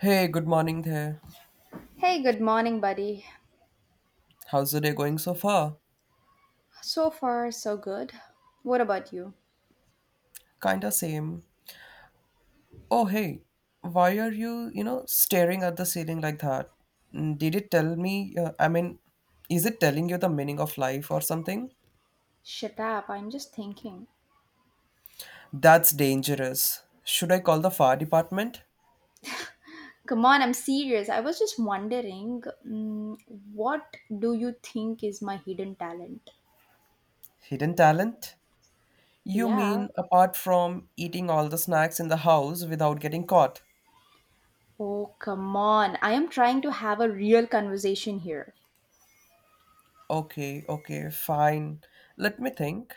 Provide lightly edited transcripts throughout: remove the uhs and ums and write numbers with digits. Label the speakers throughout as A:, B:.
A: Hey, good morning there.
B: Hey, good morning, buddy.
A: How's the day going so far?
B: So far, so good. What about you?
A: Kinda same. Oh, hey, why are you, staring at the ceiling like that? Did it tell me, I mean, is it telling you the meaning of life or something?
B: Shut up, I'm just thinking.
A: That's dangerous. Should I call the fire department?
B: Come on, I'm serious. I was just wondering, what do you think is my hidden talent?
A: Hidden talent? You
B: Yeah.
A: mean apart from eating all the snacks in the house without getting caught?
B: Oh, come on. I am trying to have a real conversation here.
A: Okay, okay, fine. Let me think.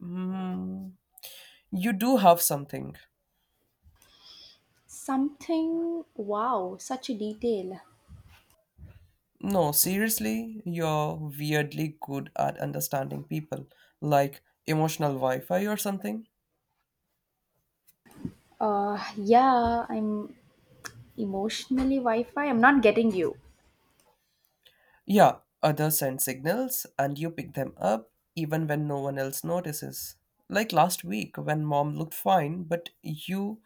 A: Mm, you do have something.
B: Something, wow, such a detail.
A: No, seriously, you're weirdly good at understanding people, like emotional Wi Fi or something.
B: Yeah, I'm emotionally Wi Fi. I'm not getting you.
A: Yeah, others send signals and you pick them up even when no one else notices. Like last week when mom looked fine, but you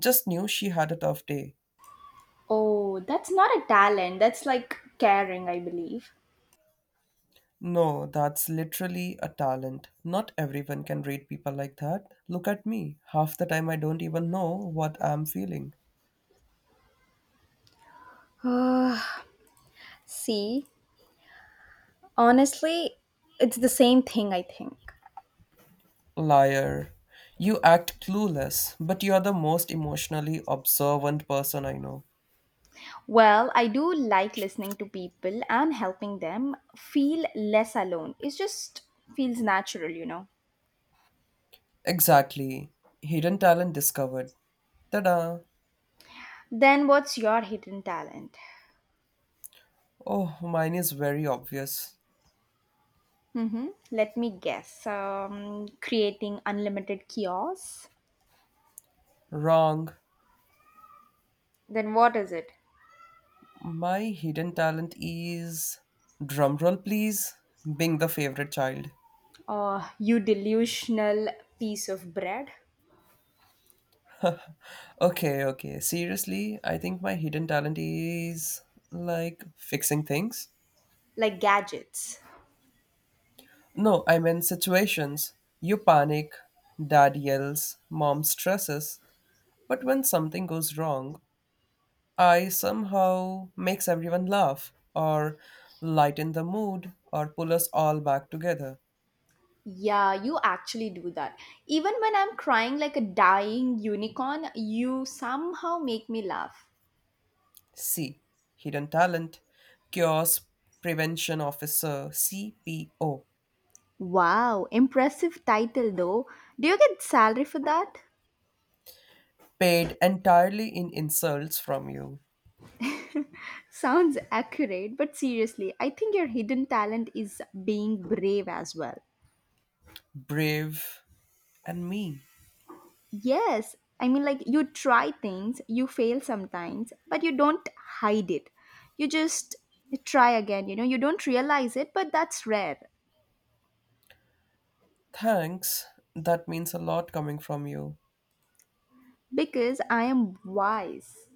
A: just knew she had a tough day.
B: Oh, that's not a talent. That's like caring, I believe.
A: No, that's literally a talent. Not everyone can read people like that. Look at me. Half the time I don't even know what I'm feeling.
B: Uh, See, honestly, it's the same thing, I think.
A: Liar. You act clueless, but you're the most emotionally observant person I know.
B: Well, I do like listening to people and helping them feel less alone. It just feels natural, you know.
A: Exactly. Hidden talent discovered. Ta da!
B: Then, what's your hidden talent?
A: Oh, mine is very obvious.
B: Mm-hmm. Let me guess. Creating unlimited kiosks.
A: Wrong.
B: Then, what is it?
A: My hidden talent is. Drumroll, please. Being the favorite child.
B: You delusional piece of bread?
A: Okay, okay. Seriously, I think my hidden talent is like fixing things.
B: Like gadgets.
A: No, I mean situations. You panic, dad yells, mom stresses. But when something goes wrong, I somehow makes everyone laugh or lighten the mood or pull us all back together.
B: Yeah, you actually do that. Even when I'm crying like a dying unicorn, you somehow make me laugh.
A: C. Hidden talent. Chaos Prevention Officer CPO.
B: Wow, impressive title though. Do you get salary for that?
A: Paid entirely in insults from you.
B: Sounds accurate, but seriously, I think your hidden talent is being brave as well.
A: Brave and me.
B: Yes, I mean, like you try things, you fail sometimes, but you don't hide it. You just try again, you know, you don't realize it, but that's rare
A: Thanks. That means a lot coming from you.
B: because I am wise.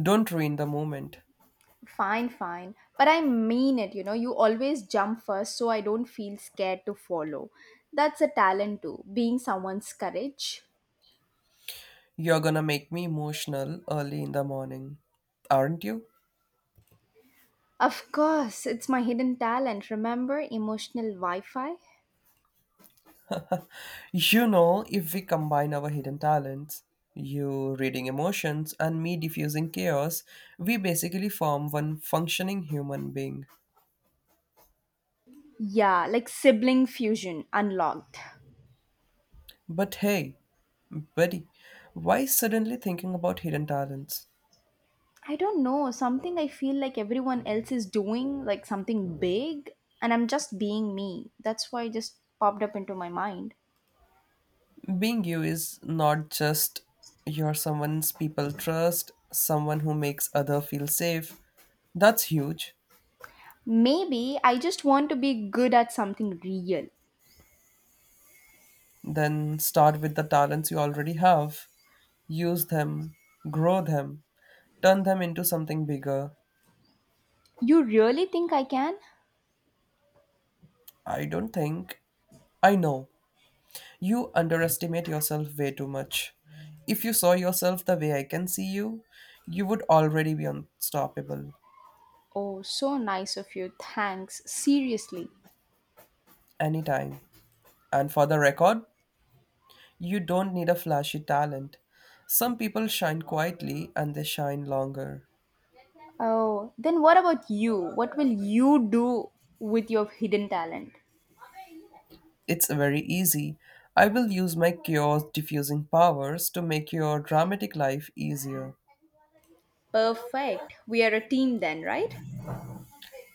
A: Don't ruin the moment.
B: Fine, fine. But I mean it, you know, you always jump first so I don't feel scared to follow. That's a talent too, being someone's courage.
A: You're gonna make me emotional early in the morning, aren't you?
B: Of course, it's my hidden talent. Remember emotional Wi Fi?
A: If we combine our hidden talents, you reading emotions and me diffusing chaos, we basically form one functioning human being.
B: Yeah, like sibling fusion unlocked.
A: But hey, buddy, why suddenly thinking about hidden talents?
B: I don't know, something I feel like everyone else is doing, like something big, and I'm just being me. That's why it just popped up into my mind.
A: Being you is not just you're someone's people trust, someone who makes other feel safe. That's huge.
B: Maybe I just want to be good at something real.
A: Then start with the talents you already have. Use them, grow them, turn them into something bigger.
B: You really think I can?
A: I don't think. I know. You underestimate yourself way too much. If you saw yourself the way I can see you, you would already be unstoppable.
B: Oh, so nice of you. Thanks. Seriously.
A: Anytime. And for the record, you don't need a flashy talent. Some people shine quietly and they shine longer.
B: Oh, then what about you? What will you do with your hidden talent?
A: It's very easy. I will use my chaos diffusing powers to make your dramatic life easier.
B: Perfect. We are a team then, right?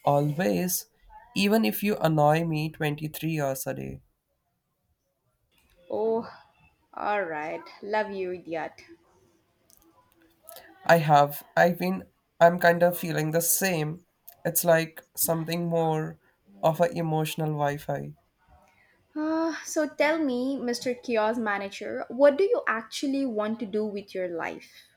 A: Always, even if you annoy me 23 hours a day.
B: Oh, all right. Love you, idiot.
A: I have. I've been. I'm kind of feeling the same. It's like something more of a emotional Wi-Fi.
B: So tell me, Mr. Kiosk Manager, what do you actually want to do with your life?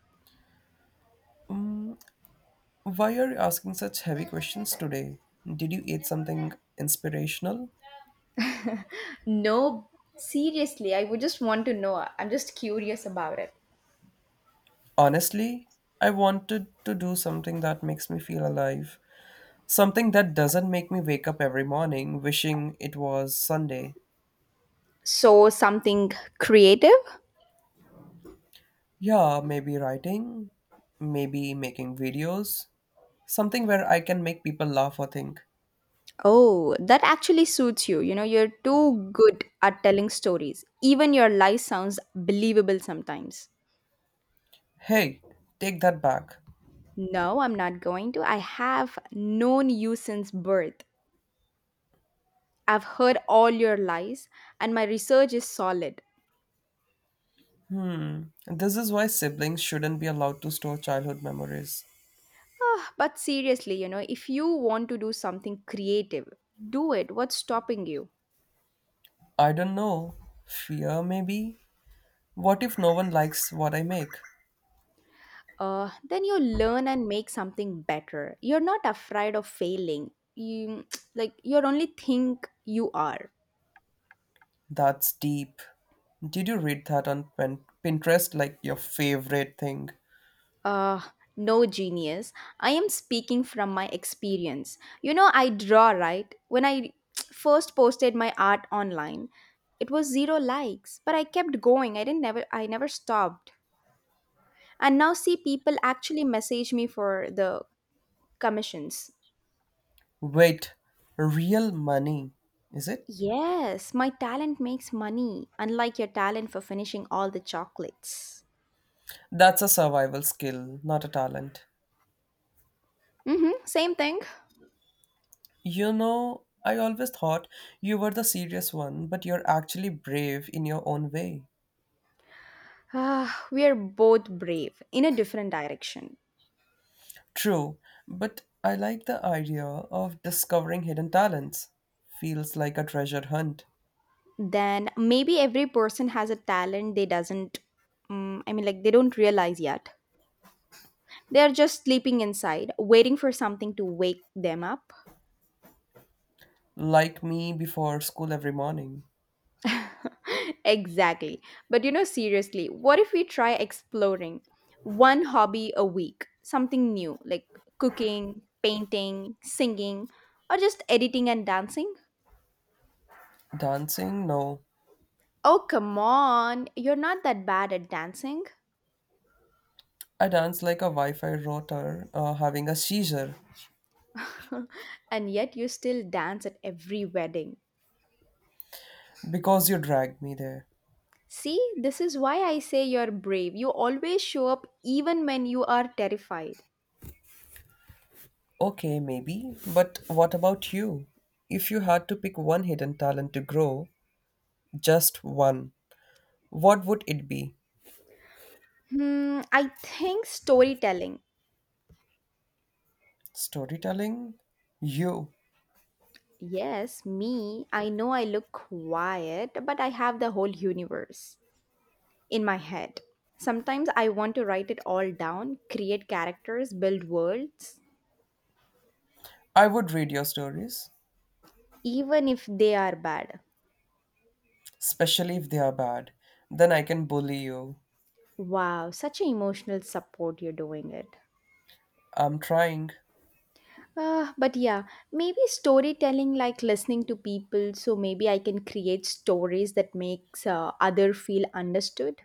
A: Why are you asking such heavy questions today? Did you eat something inspirational?
B: No, seriously, I would just want to know. I'm just curious about it.
A: Honestly, I wanted to do something that makes me feel alive. Something that doesn't make me wake up every morning wishing it was Sunday.
B: So, something creative?
A: Yeah, maybe writing, maybe making videos, something where I can make people laugh or think,
B: Oh, that actually suits you. You know, you're too good at telling stories. Even your lie sounds believable sometimes.
A: hey, take that back.
B: No, I'm not going to. I have known you since birth. I've heard all your lies, and my research is solid.
A: Hmm, this is why siblings shouldn't be allowed to store childhood memories.
B: Ah, but seriously, you know, if you want to do something creative, do it. What's stopping you?
A: I don't know. Fear, maybe? What if no one likes what I make?
B: Then you learn and make something better. You're not afraid of failing. You like you're only think you are.
A: That's deep. Did you read that on Pinterest like your favorite thing?
B: Uh, no genius. I am speaking from my experience. You know, I draw, right? When I first posted my art online, it was zero likes, but I kept going. I never stopped. And now see people actually message me for the commissions.
A: Wait, real money, is it?
B: Yes, my talent makes money, unlike your talent for finishing all the chocolates.
A: That's a survival skill, not a talent.
B: Mhm, same thing.
A: I always thought you were the serious one, but you're actually brave in your own way.
B: Ah, we are both brave in a different direction.
A: True, but I like the idea of discovering hidden talents. Feels like a treasure hunt.
B: Then maybe every person has a talent they doesn't like they don't realize yet. They're just sleeping inside waiting for something to wake them up.
A: Like me before school every morning.
B: Exactly. But you know, seriously, what if we try exploring one hobby a week, something new like cooking, painting, singing, or just editing and dancing.
A: Dancing? No.
B: Oh come on, you're not that bad at dancing.
A: I dance like a Wi Fi router having a seizure
B: And yet you still dance at every wedding.
A: because you dragged me there.
B: See, this is why I say you're brave. You always show up even when you are terrified.
A: Okay, maybe, but what about you? If you had to pick one hidden talent to grow, just one, what would it be?
B: Hmm, I think storytelling.
A: Storytelling? You.
B: Yes, me. I know I look quiet, but I have the whole universe in my head. Sometimes I want to write it all down, create characters, build worlds,
A: I would read your stories,
B: even if they are bad.
A: especially if they are bad. Then I can bully you.
B: Wow, such an emotional support you're doing it.
A: I'm trying,
B: But yeah, maybe storytelling like listening to people, so maybe I can create stories that makes other feel understood.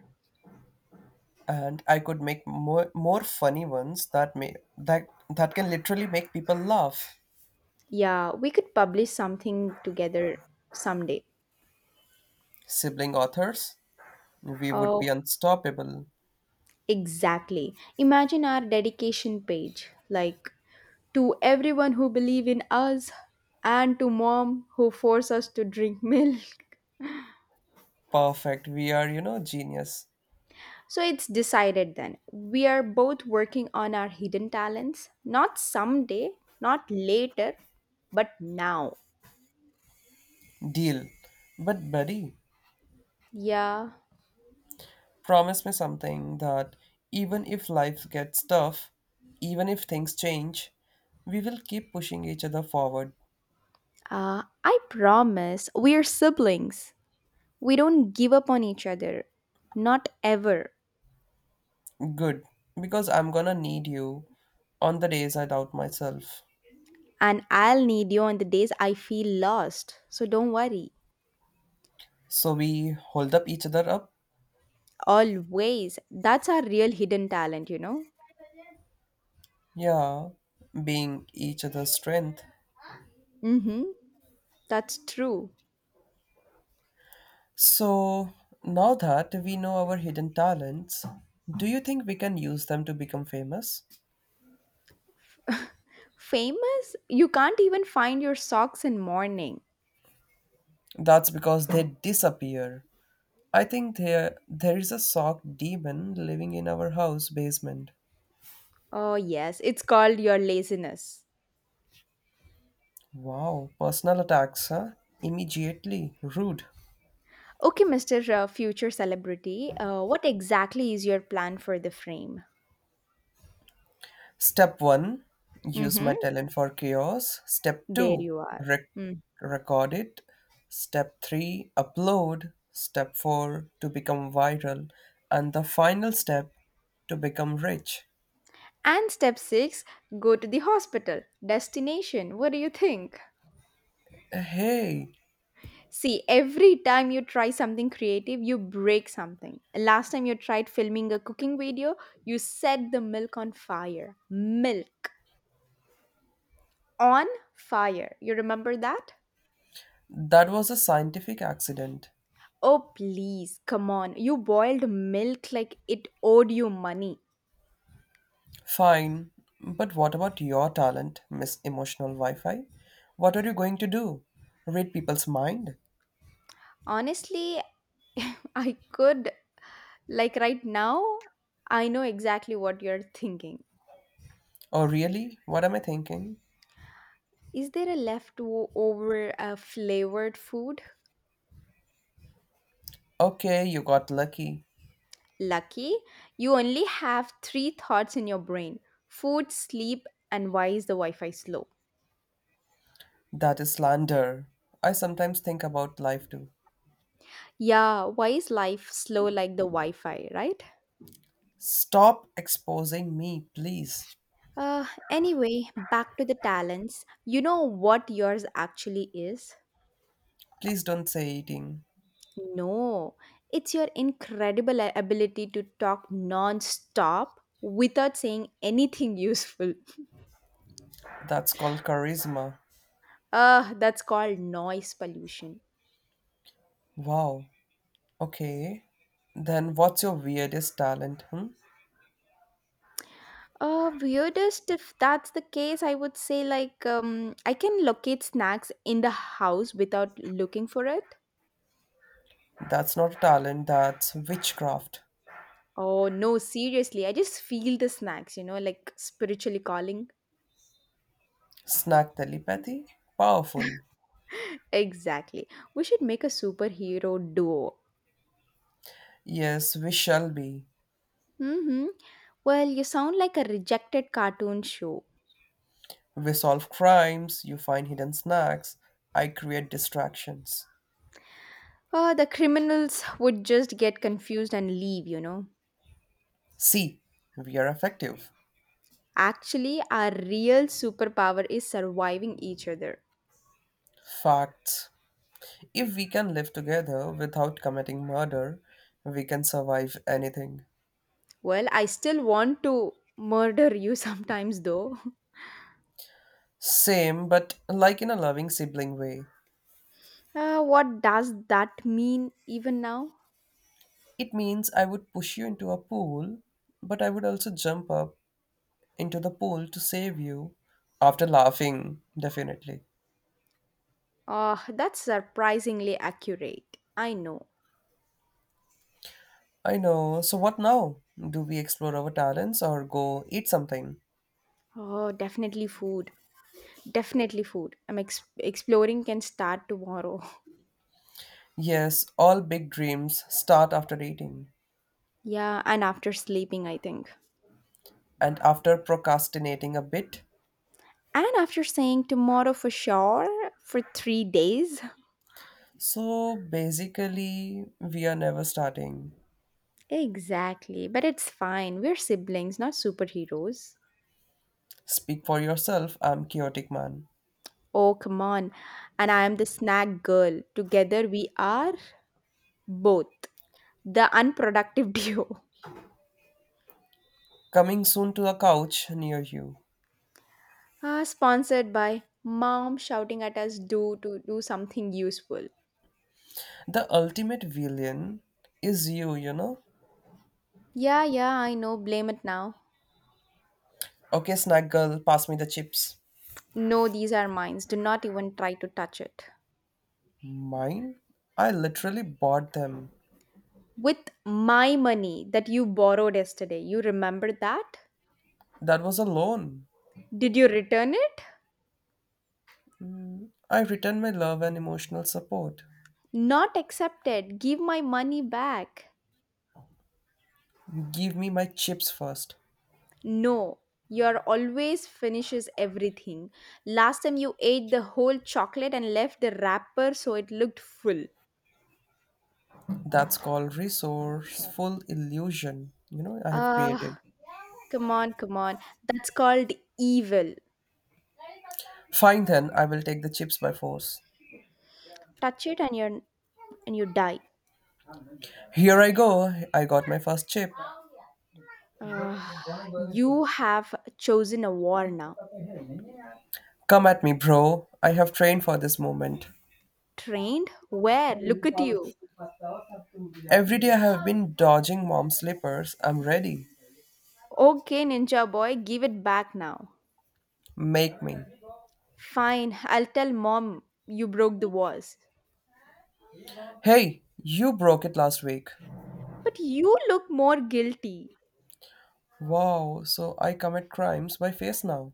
A: and I could make more funny ones that may that that can literally make people laugh.
B: Yeah, we could publish something together someday.
A: Sibling authors, we would be
B: Oh,
A: unstoppable.
B: exactly. Imagine our dedication page like to everyone who believe in us and to mom who force us to drink milk.
A: Perfect. We are, genius.
B: So it's decided then. We are both working on our hidden talents, not someday, not later, but now.
A: Deal. But buddy,
B: Yeah.
A: promise me something that even if life gets tough, even if things change, we will keep pushing each other forward.
B: I promise we are siblings. We don't give up on each other. Not ever.
A: Good, because I'm gonna need you on the days I doubt myself.
B: And I'll need you on the days I feel lost. So don't worry.
A: So we hold up each other up,
B: Always. That's our real hidden talent, you know?
A: yeah, being each other's strength.
B: Mm-hmm. That's true.
A: So now that we know our hidden talents, do you think we can use them to become famous?
B: Famous, you can't even find your socks in morning.
A: That's because they disappear. I think there is a sock demon living in our house basement.
B: Oh, yes, it's called your laziness.
A: Wow, personal attacks, huh? Immediately rude.
B: Okay, Mr. Future celebrity, what exactly is your plan for the frame?
A: Step 1, use
B: Mm-hmm.
A: my talent for chaos. Step
B: There
A: 2,
B: you are.
A: rec-
B: Mm.
A: record it. Step 3, upload. Step 4, to become viral. And the final step, to become rich.
B: And step six, go to the hospital. Destination, what do you think?
A: Hey,
B: See, every time you try something creative, you break something. Last time you tried filming a cooking video, you set the milk on fire. Milk on fire. You remember that?
A: that was a scientific accident.
B: Oh, please, come on. You boiled milk like it owed you money.
A: Fine, but what about your talent, Miss Emotional Wi Fi? What are you going to do? Read people's mind?
B: Honestly, I could. Like right now, I know exactly what you're thinking.
A: Oh, really? What am I thinking?
B: Is there a leftover flavored food?
A: Okay, you got lucky.
B: Lucky, you only have three thoughts in your brain: food, sleep, and why is the Wi Fi slow?
A: That is slander. I sometimes think about life too.
B: Yeah, why is life slow like the Wi Fi, right?
A: Stop exposing me, please.
B: Uh, anyway, back to the talents. You know what yours actually is?
A: Please don't say eating.
B: No, it's your incredible ability to talk non-stop without saying anything useful.
A: That's called charisma.
B: That's called noise pollution.
A: Wow. Okay. Then what's your weirdest talent? Hmm?
B: Weirdest if that's the case, I would say like I can locate snacks in the house without looking for it.
A: That's not a talent, that's witchcraft.
B: Oh no, seriously, I just feel the snacks, you know, like spiritually calling.
A: Snack telepathy? Powerful.
B: Exactly. We should make a superhero duo.
A: Yes, we shall be.
B: Mm-hmm. Well, you sound like a rejected cartoon show.
A: We solve crimes, you find hidden snacks, I create distractions.
B: The criminals would just get confused and leave, you know.
A: See, we are effective.
B: Actually, our real superpower is surviving each other.
A: Facts. If we can live together without committing murder, we can survive anything.
B: Well, I still want to murder you sometimes, though.
A: Same, but like in a loving sibling way.
B: What does that mean even now?
A: It means I would push you into a pool, but I would also jump up into the pool to save you after laughing, definitely.
B: That's surprisingly accurate. I know.
A: I know. So what now? Do we explore our talents or go eat something?
B: Oh, definitely food. Definitely food. I'm exploring can start tomorrow.
A: Yes, all big dreams start after eating
B: Yeah, and after sleeping, I think.
A: and after procrastinating a bit.
B: And after saying tomorrow for sure for three days.
A: So basically, we are never starting.
B: Exactly, but it's fine. We're siblings, not superheroes.
A: Speak for yourself, I'm chaotic man.
B: Oh, come on. And I am the snack girl. Together we are both the unproductive duo.
A: Coming soon to a couch near you.
B: Ah, sponsored by mom shouting at us do to do something useful.
A: The ultimate villain is you, you know?
B: Yeah, yeah, I know. Blame it now.
A: Okay, snack girl, pass me the chips.
B: No, these are mines. Do not even try to touch it.
A: Mine? I literally bought them.
B: With my money that you borrowed yesterday, you remember that?
A: That was a loan.
B: Did you return it?
A: I return my love and emotional support.
B: Not accepted. Give my money back.
A: Give me my chips first.
B: No, you're always finishes everything. Last time you ate the whole chocolate and left the wrapper so it looked full.
A: That's called resourceful illusion. I have created.
B: Ah, come on, come on. That's called evil.
A: Fine then, I will take the chips by force.
B: Touch it and you are and you die.
A: Here I go. I got my first chip.
B: Ah, you have chosen a war now.
A: Come at me, bro. I have trained for this moment.
B: Trained? Where? Look at you.
A: Every day I have been dodging mom's slippers. I'm ready.
B: Okay, ninja boy, give it back now.
A: Make me.
B: Fine, I'll tell mom you broke the vase.
A: Hey, you broke it last week.
B: But you look more guilty.
A: Wow, so I commit crimes by face now.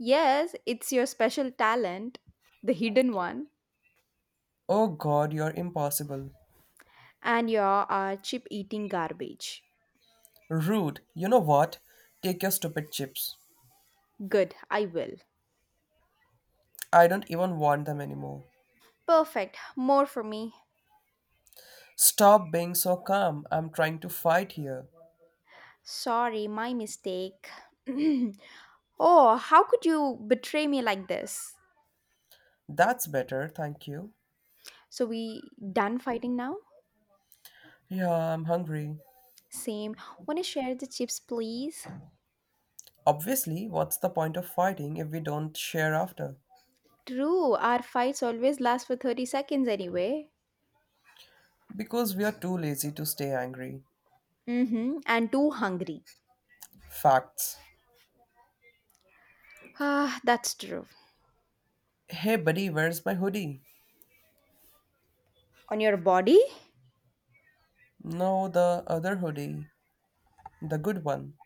B: Yes, it's your special talent, the hidden one,
A: Oh god, you're impossible.
B: and you are chip eating garbage.
A: Rude. You know what? Take your stupid chips.
B: Good, I will.
A: I don't even want them anymore.
B: Perfect, more for me.
A: Stop being so calm. I'm trying to fight here.
B: Sorry, my mistake. Oh, how could you betray me like this?
A: That's better, thank you.
B: So, we done fighting now?
A: Yeah, I'm hungry.
B: Same. Wanna share the chips, please?
A: Obviously, what's the point of fighting if we don't share after?
B: True, our fights always last for 30 seconds anyway.
A: Because we are too lazy to stay angry.
B: Mm-hmm. And too hungry.
A: Facts.
B: Ah, that's true.
A: Hey, buddy, where's my hoodie?
B: On your body?
A: No, the other hoodie. The good one.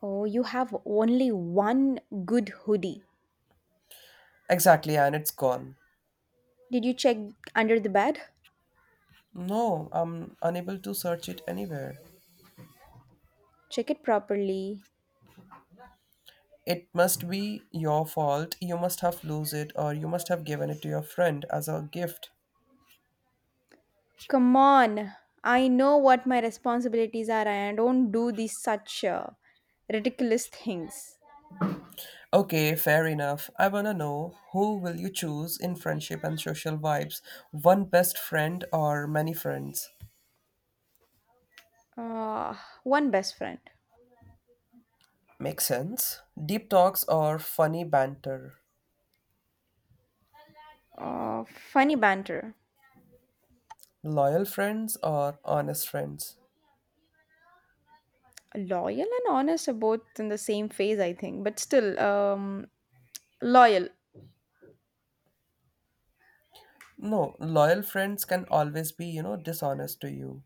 B: Oh, you have only one good hoodie.
A: Exactly, and it's gone.
B: Did you check under the bed?
A: No, I'm unable to search it anywhere.
B: Check it properly.
A: It must be your fault. You must have lose it or you must have given it to your friend as a gift.
B: Come on. I know what my responsibilities are and I don't do these such ridiculous things.
A: Okay, fair enough. I wanna know who will you choose in friendship and social vibes? One best friend or many friends?
B: Ah, one best friend.
A: Makes sense. Deep talks or funny banter?
B: Uh, Funny banter.
A: Loyal friends or honest friends?
B: Loyal and honest are both in the same phase I think but still loyal.
A: No, loyal friends can always be, dishonest to you.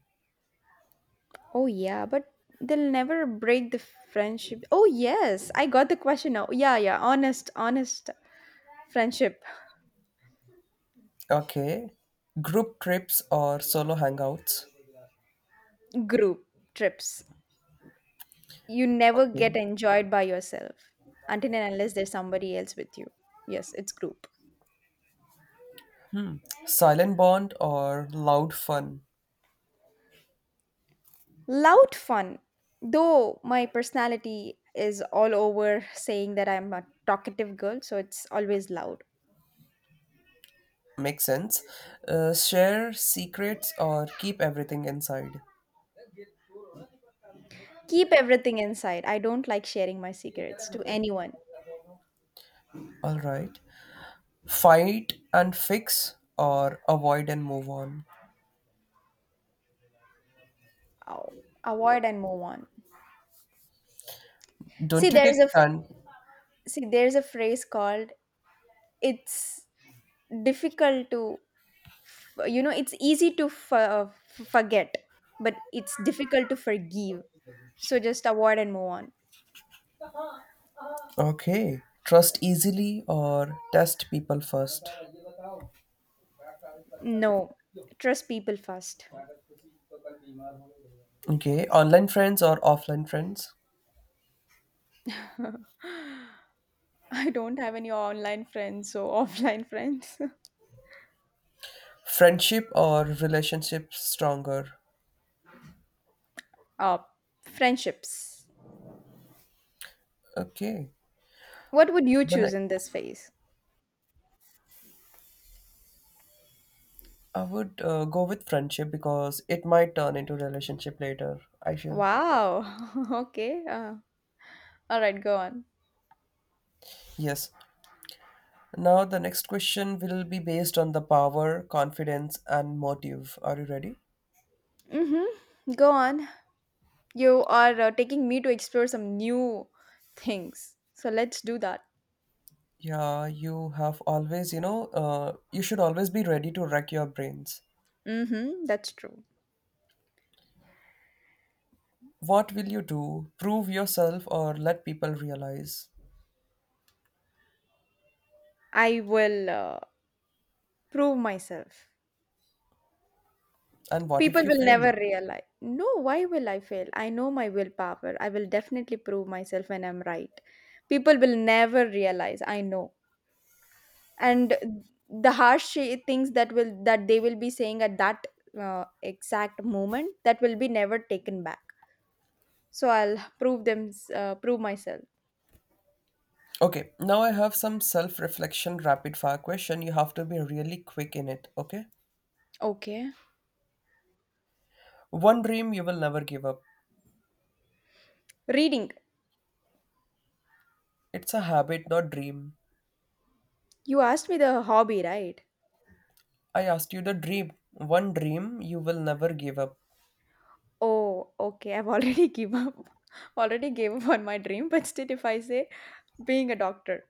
B: Oh yeah, but they'll never break the friendship. Oh yes, I got the question now. Yeah, honest, honest friendship.
A: Okay. Group trips or solo hangouts?
B: Group trips. You never get
A: Okay.
B: enjoyed by yourself until and unless there's somebody else with you. Yes, it's group.
A: Silent bond or loud fun.
B: Loud fun, though my personality is all over saying that I'm a talkative girl so it's always loud.
A: Makes sense. Share secrets or keep everything inside.
B: Keep everything inside. I don't like sharing my secrets to anyone.
A: Alright. Fight and fix or avoid and move on.
B: Oh, avoid and move on. See,
A: Don't you take
B: there's a
A: stand?
B: See, there's a phrase called, "It's difficult to you know, it's easy to forget, but it's difficult to forgive." So just avoid and move on.
A: Okay. Trust easily or test people first.
B: No, trust people first.
A: Okay. Online friends or offline friends.
B: I don't have any online friends or offline friends.
A: Friendship or relationship stronger.
B: uh, Friendships.
A: Okay.
B: What would you
A: The
B: choose
A: next.
B: in this phase?
A: I would go with friendship because it might turn into relationship later, I feel.
B: Wow. Okay. All right, go on.
A: Yes. Now the next question will be based on the power, confidence and motive. Are you ready?
B: Mm-hmm. Go on. You are taking me to explore some new things. So let's do that.
A: Yeah, you have always, you should always be ready to wreck your brains.
B: Mm-hmm. That's true.
A: What will you do? Prove yourself or let people realize?
B: I will prove myself.
A: And what if
B: People
A: you
B: will never
A: fail?
B: realize. No, why will I fail? I know my willpower. I will definitely prove myself when I'm right. People will never realize. I know. And the harsh things that will that they will be saying at that exact moment that will be never taken back. So I'll prove them, prove myself.
A: Okay, now I have some self reflection rapid fire question. You have to be really quick in it, okay?
B: Okay.
A: One dream you will never give up.
B: Reading.
A: It's a habit, not dream.
B: You asked me the hobby, right?
A: I asked you the dream. One dream you will never give up.
B: Oh, okay. I've already give up. Already gave up on my dream, but still, if I say being a doctor,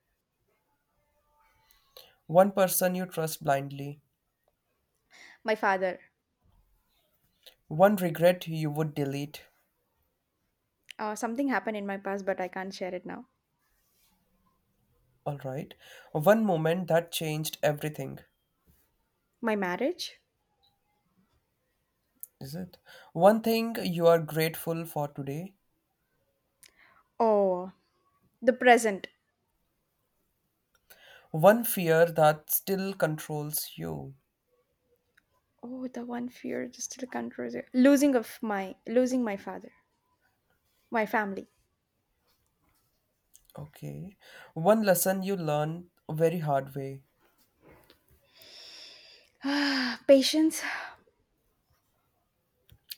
A: One person you trust blindly.
B: my father,
A: One regret you would delete.
B: something happened in my past, but I can't share it now.
A: Alright. One moment that changed everything.
B: My marriage.
A: Is it? One thing you are grateful for today.
B: Oh, the present.
A: One fear that still controls you.
B: Oh, the one fear just still controls it. Losing my father, my family.
A: Okay. One lesson you learned very hard way.
B: Patience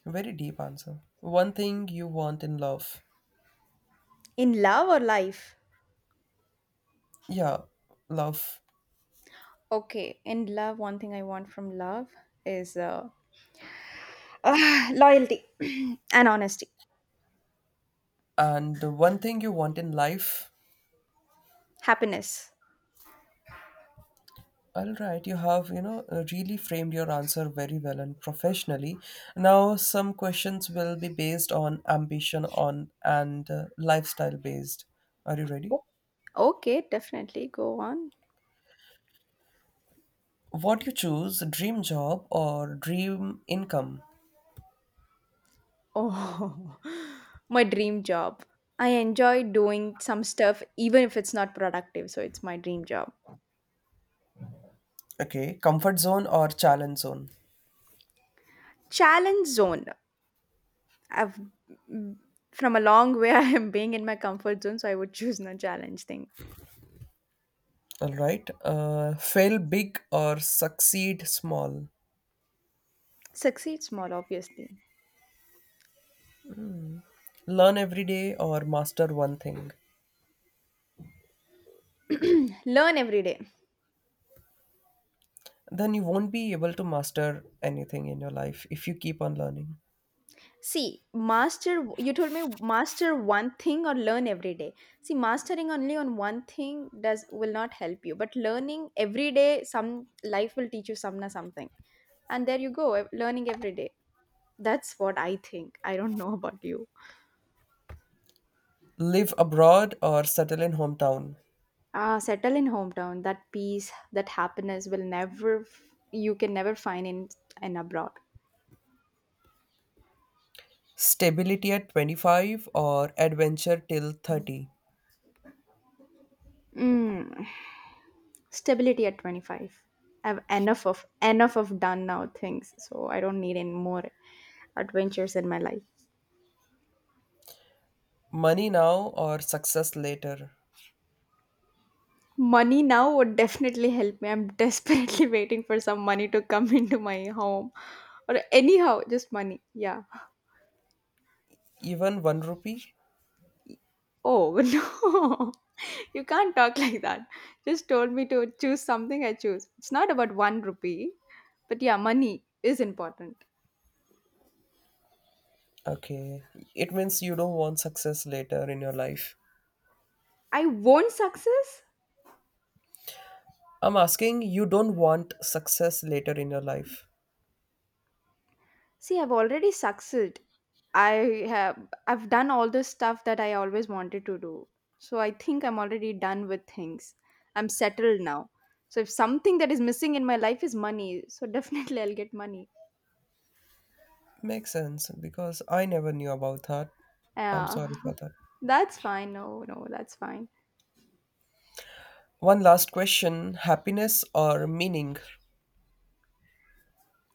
A: Very deep answer. One thing you want in love.
B: in love or life.
A: Yeah, love.
B: Okay, in love, one thing I want from love is loyalty and honesty,
A: And the one thing you want in life.
B: happiness.
A: All right, you have, really framed your answer very well and professionally. Now some questions will be based on ambition on and lifestyle based. Are you ready?
B: O- Okay, definitely go on.
A: What you choose, dream job or dream income?
B: Oh, my dream job. I enjoy doing some stuff even if it's not productive, so it's my dream job.
A: Okay, comfort zone or challenge zone?
B: Challenge zone. I've mm, from a long way I am being in my comfort zone, so I would choose no challenge thing.
A: All right, fail big or succeed small?
B: Succeed small, obviously.
A: Learn every day or master one thing?
B: Learn every day.
A: Then you won't be able to master anything in your life if you keep on learning.
B: See, master, you told me master one thing or learn every day. See, mastering only on one thing does will not help you, but learning every day, some life will teach you some na something. And there you go, learning every day. That's what I think. I don't know about you.
A: Live abroad or settle in hometown.
B: Ah, settle in hometown. That peace, that happiness will never, you can never find in abroad.
A: Stability at 25 or adventure till 30.
B: Mm. Stability at 25. I've enough of done now things, so I don't need any more adventures in my life.
A: Money now or success later.
B: Money now would definitely help me. I'm desperately waiting for some money to come into my home. Or anyhow, just money. Yeah.
A: Even 1 rupee?
B: Oh no. You can't talk like that. Just told me to choose something I choose. It's not about one rupee. But yeah, money is important.
A: Okay. It means you don't want success later in your life.
B: I won't success?
A: I'm asking you don't want success later in your life.
B: See, I've already succeeded. I have I've done all the stuff that I always wanted to do. So I think I'm already done with things. I'm settled now. So if something that is missing in my life is money, so definitely I'll get money.
A: Makes sense because I never knew about that. I'm
B: Yeah.
A: sorry for that.
B: That's fine. No, no. That's fine.
A: One last question, happiness or meaning?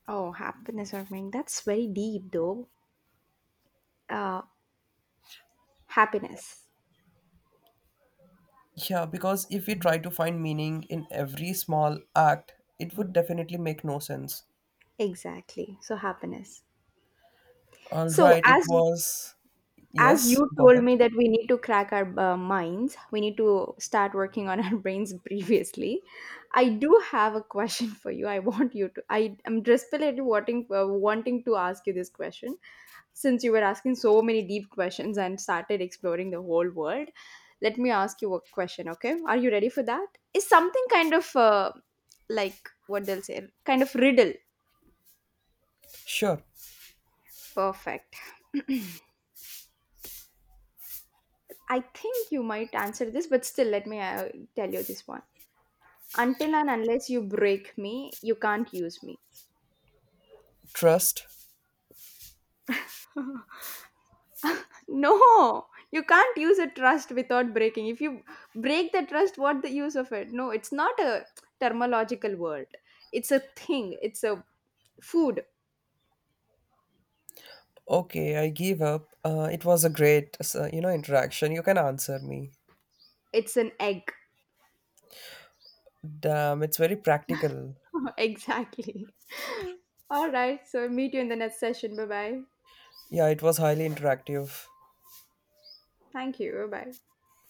B: Oh, happiness or meaning. That's very deep though. Uh Happiness.
A: Yeah, because if we try to find meaning in every small act, it would definitely make no sense.
B: Exactly. So happiness.
A: All
B: So
A: right, it
B: as
A: was.
B: as
A: Yes,
B: you
A: go
B: told me
A: ahead.
B: that we need to crack our minds, we need to start working on our brains previously. I do have a question for you. I am desperately wanting to ask you this question. Since you were asking so many deep questions and started exploring the whole world, let me ask you a question. Okay, are you ready for that? Is something kind of like what they'll say, kind of riddle.
A: Sure.
B: Perfect. I think you might answer this, but still let me tell you this one. Until and unless you break me, you can't use me.
A: Trust.
B: No, you can't use a trust without breaking. If you break the trust, what the use of it? No, it's not a terminological word. It's a thing. It's a food.
A: Okay, I give up. It was a great, interaction. You can answer me.
B: It's an egg.
A: Damn, it's very practical.
B: Exactly. All right. So meet you in the next session. Bye bye.
A: Yeah, it was highly interactive.
B: Thank you. Bye bye.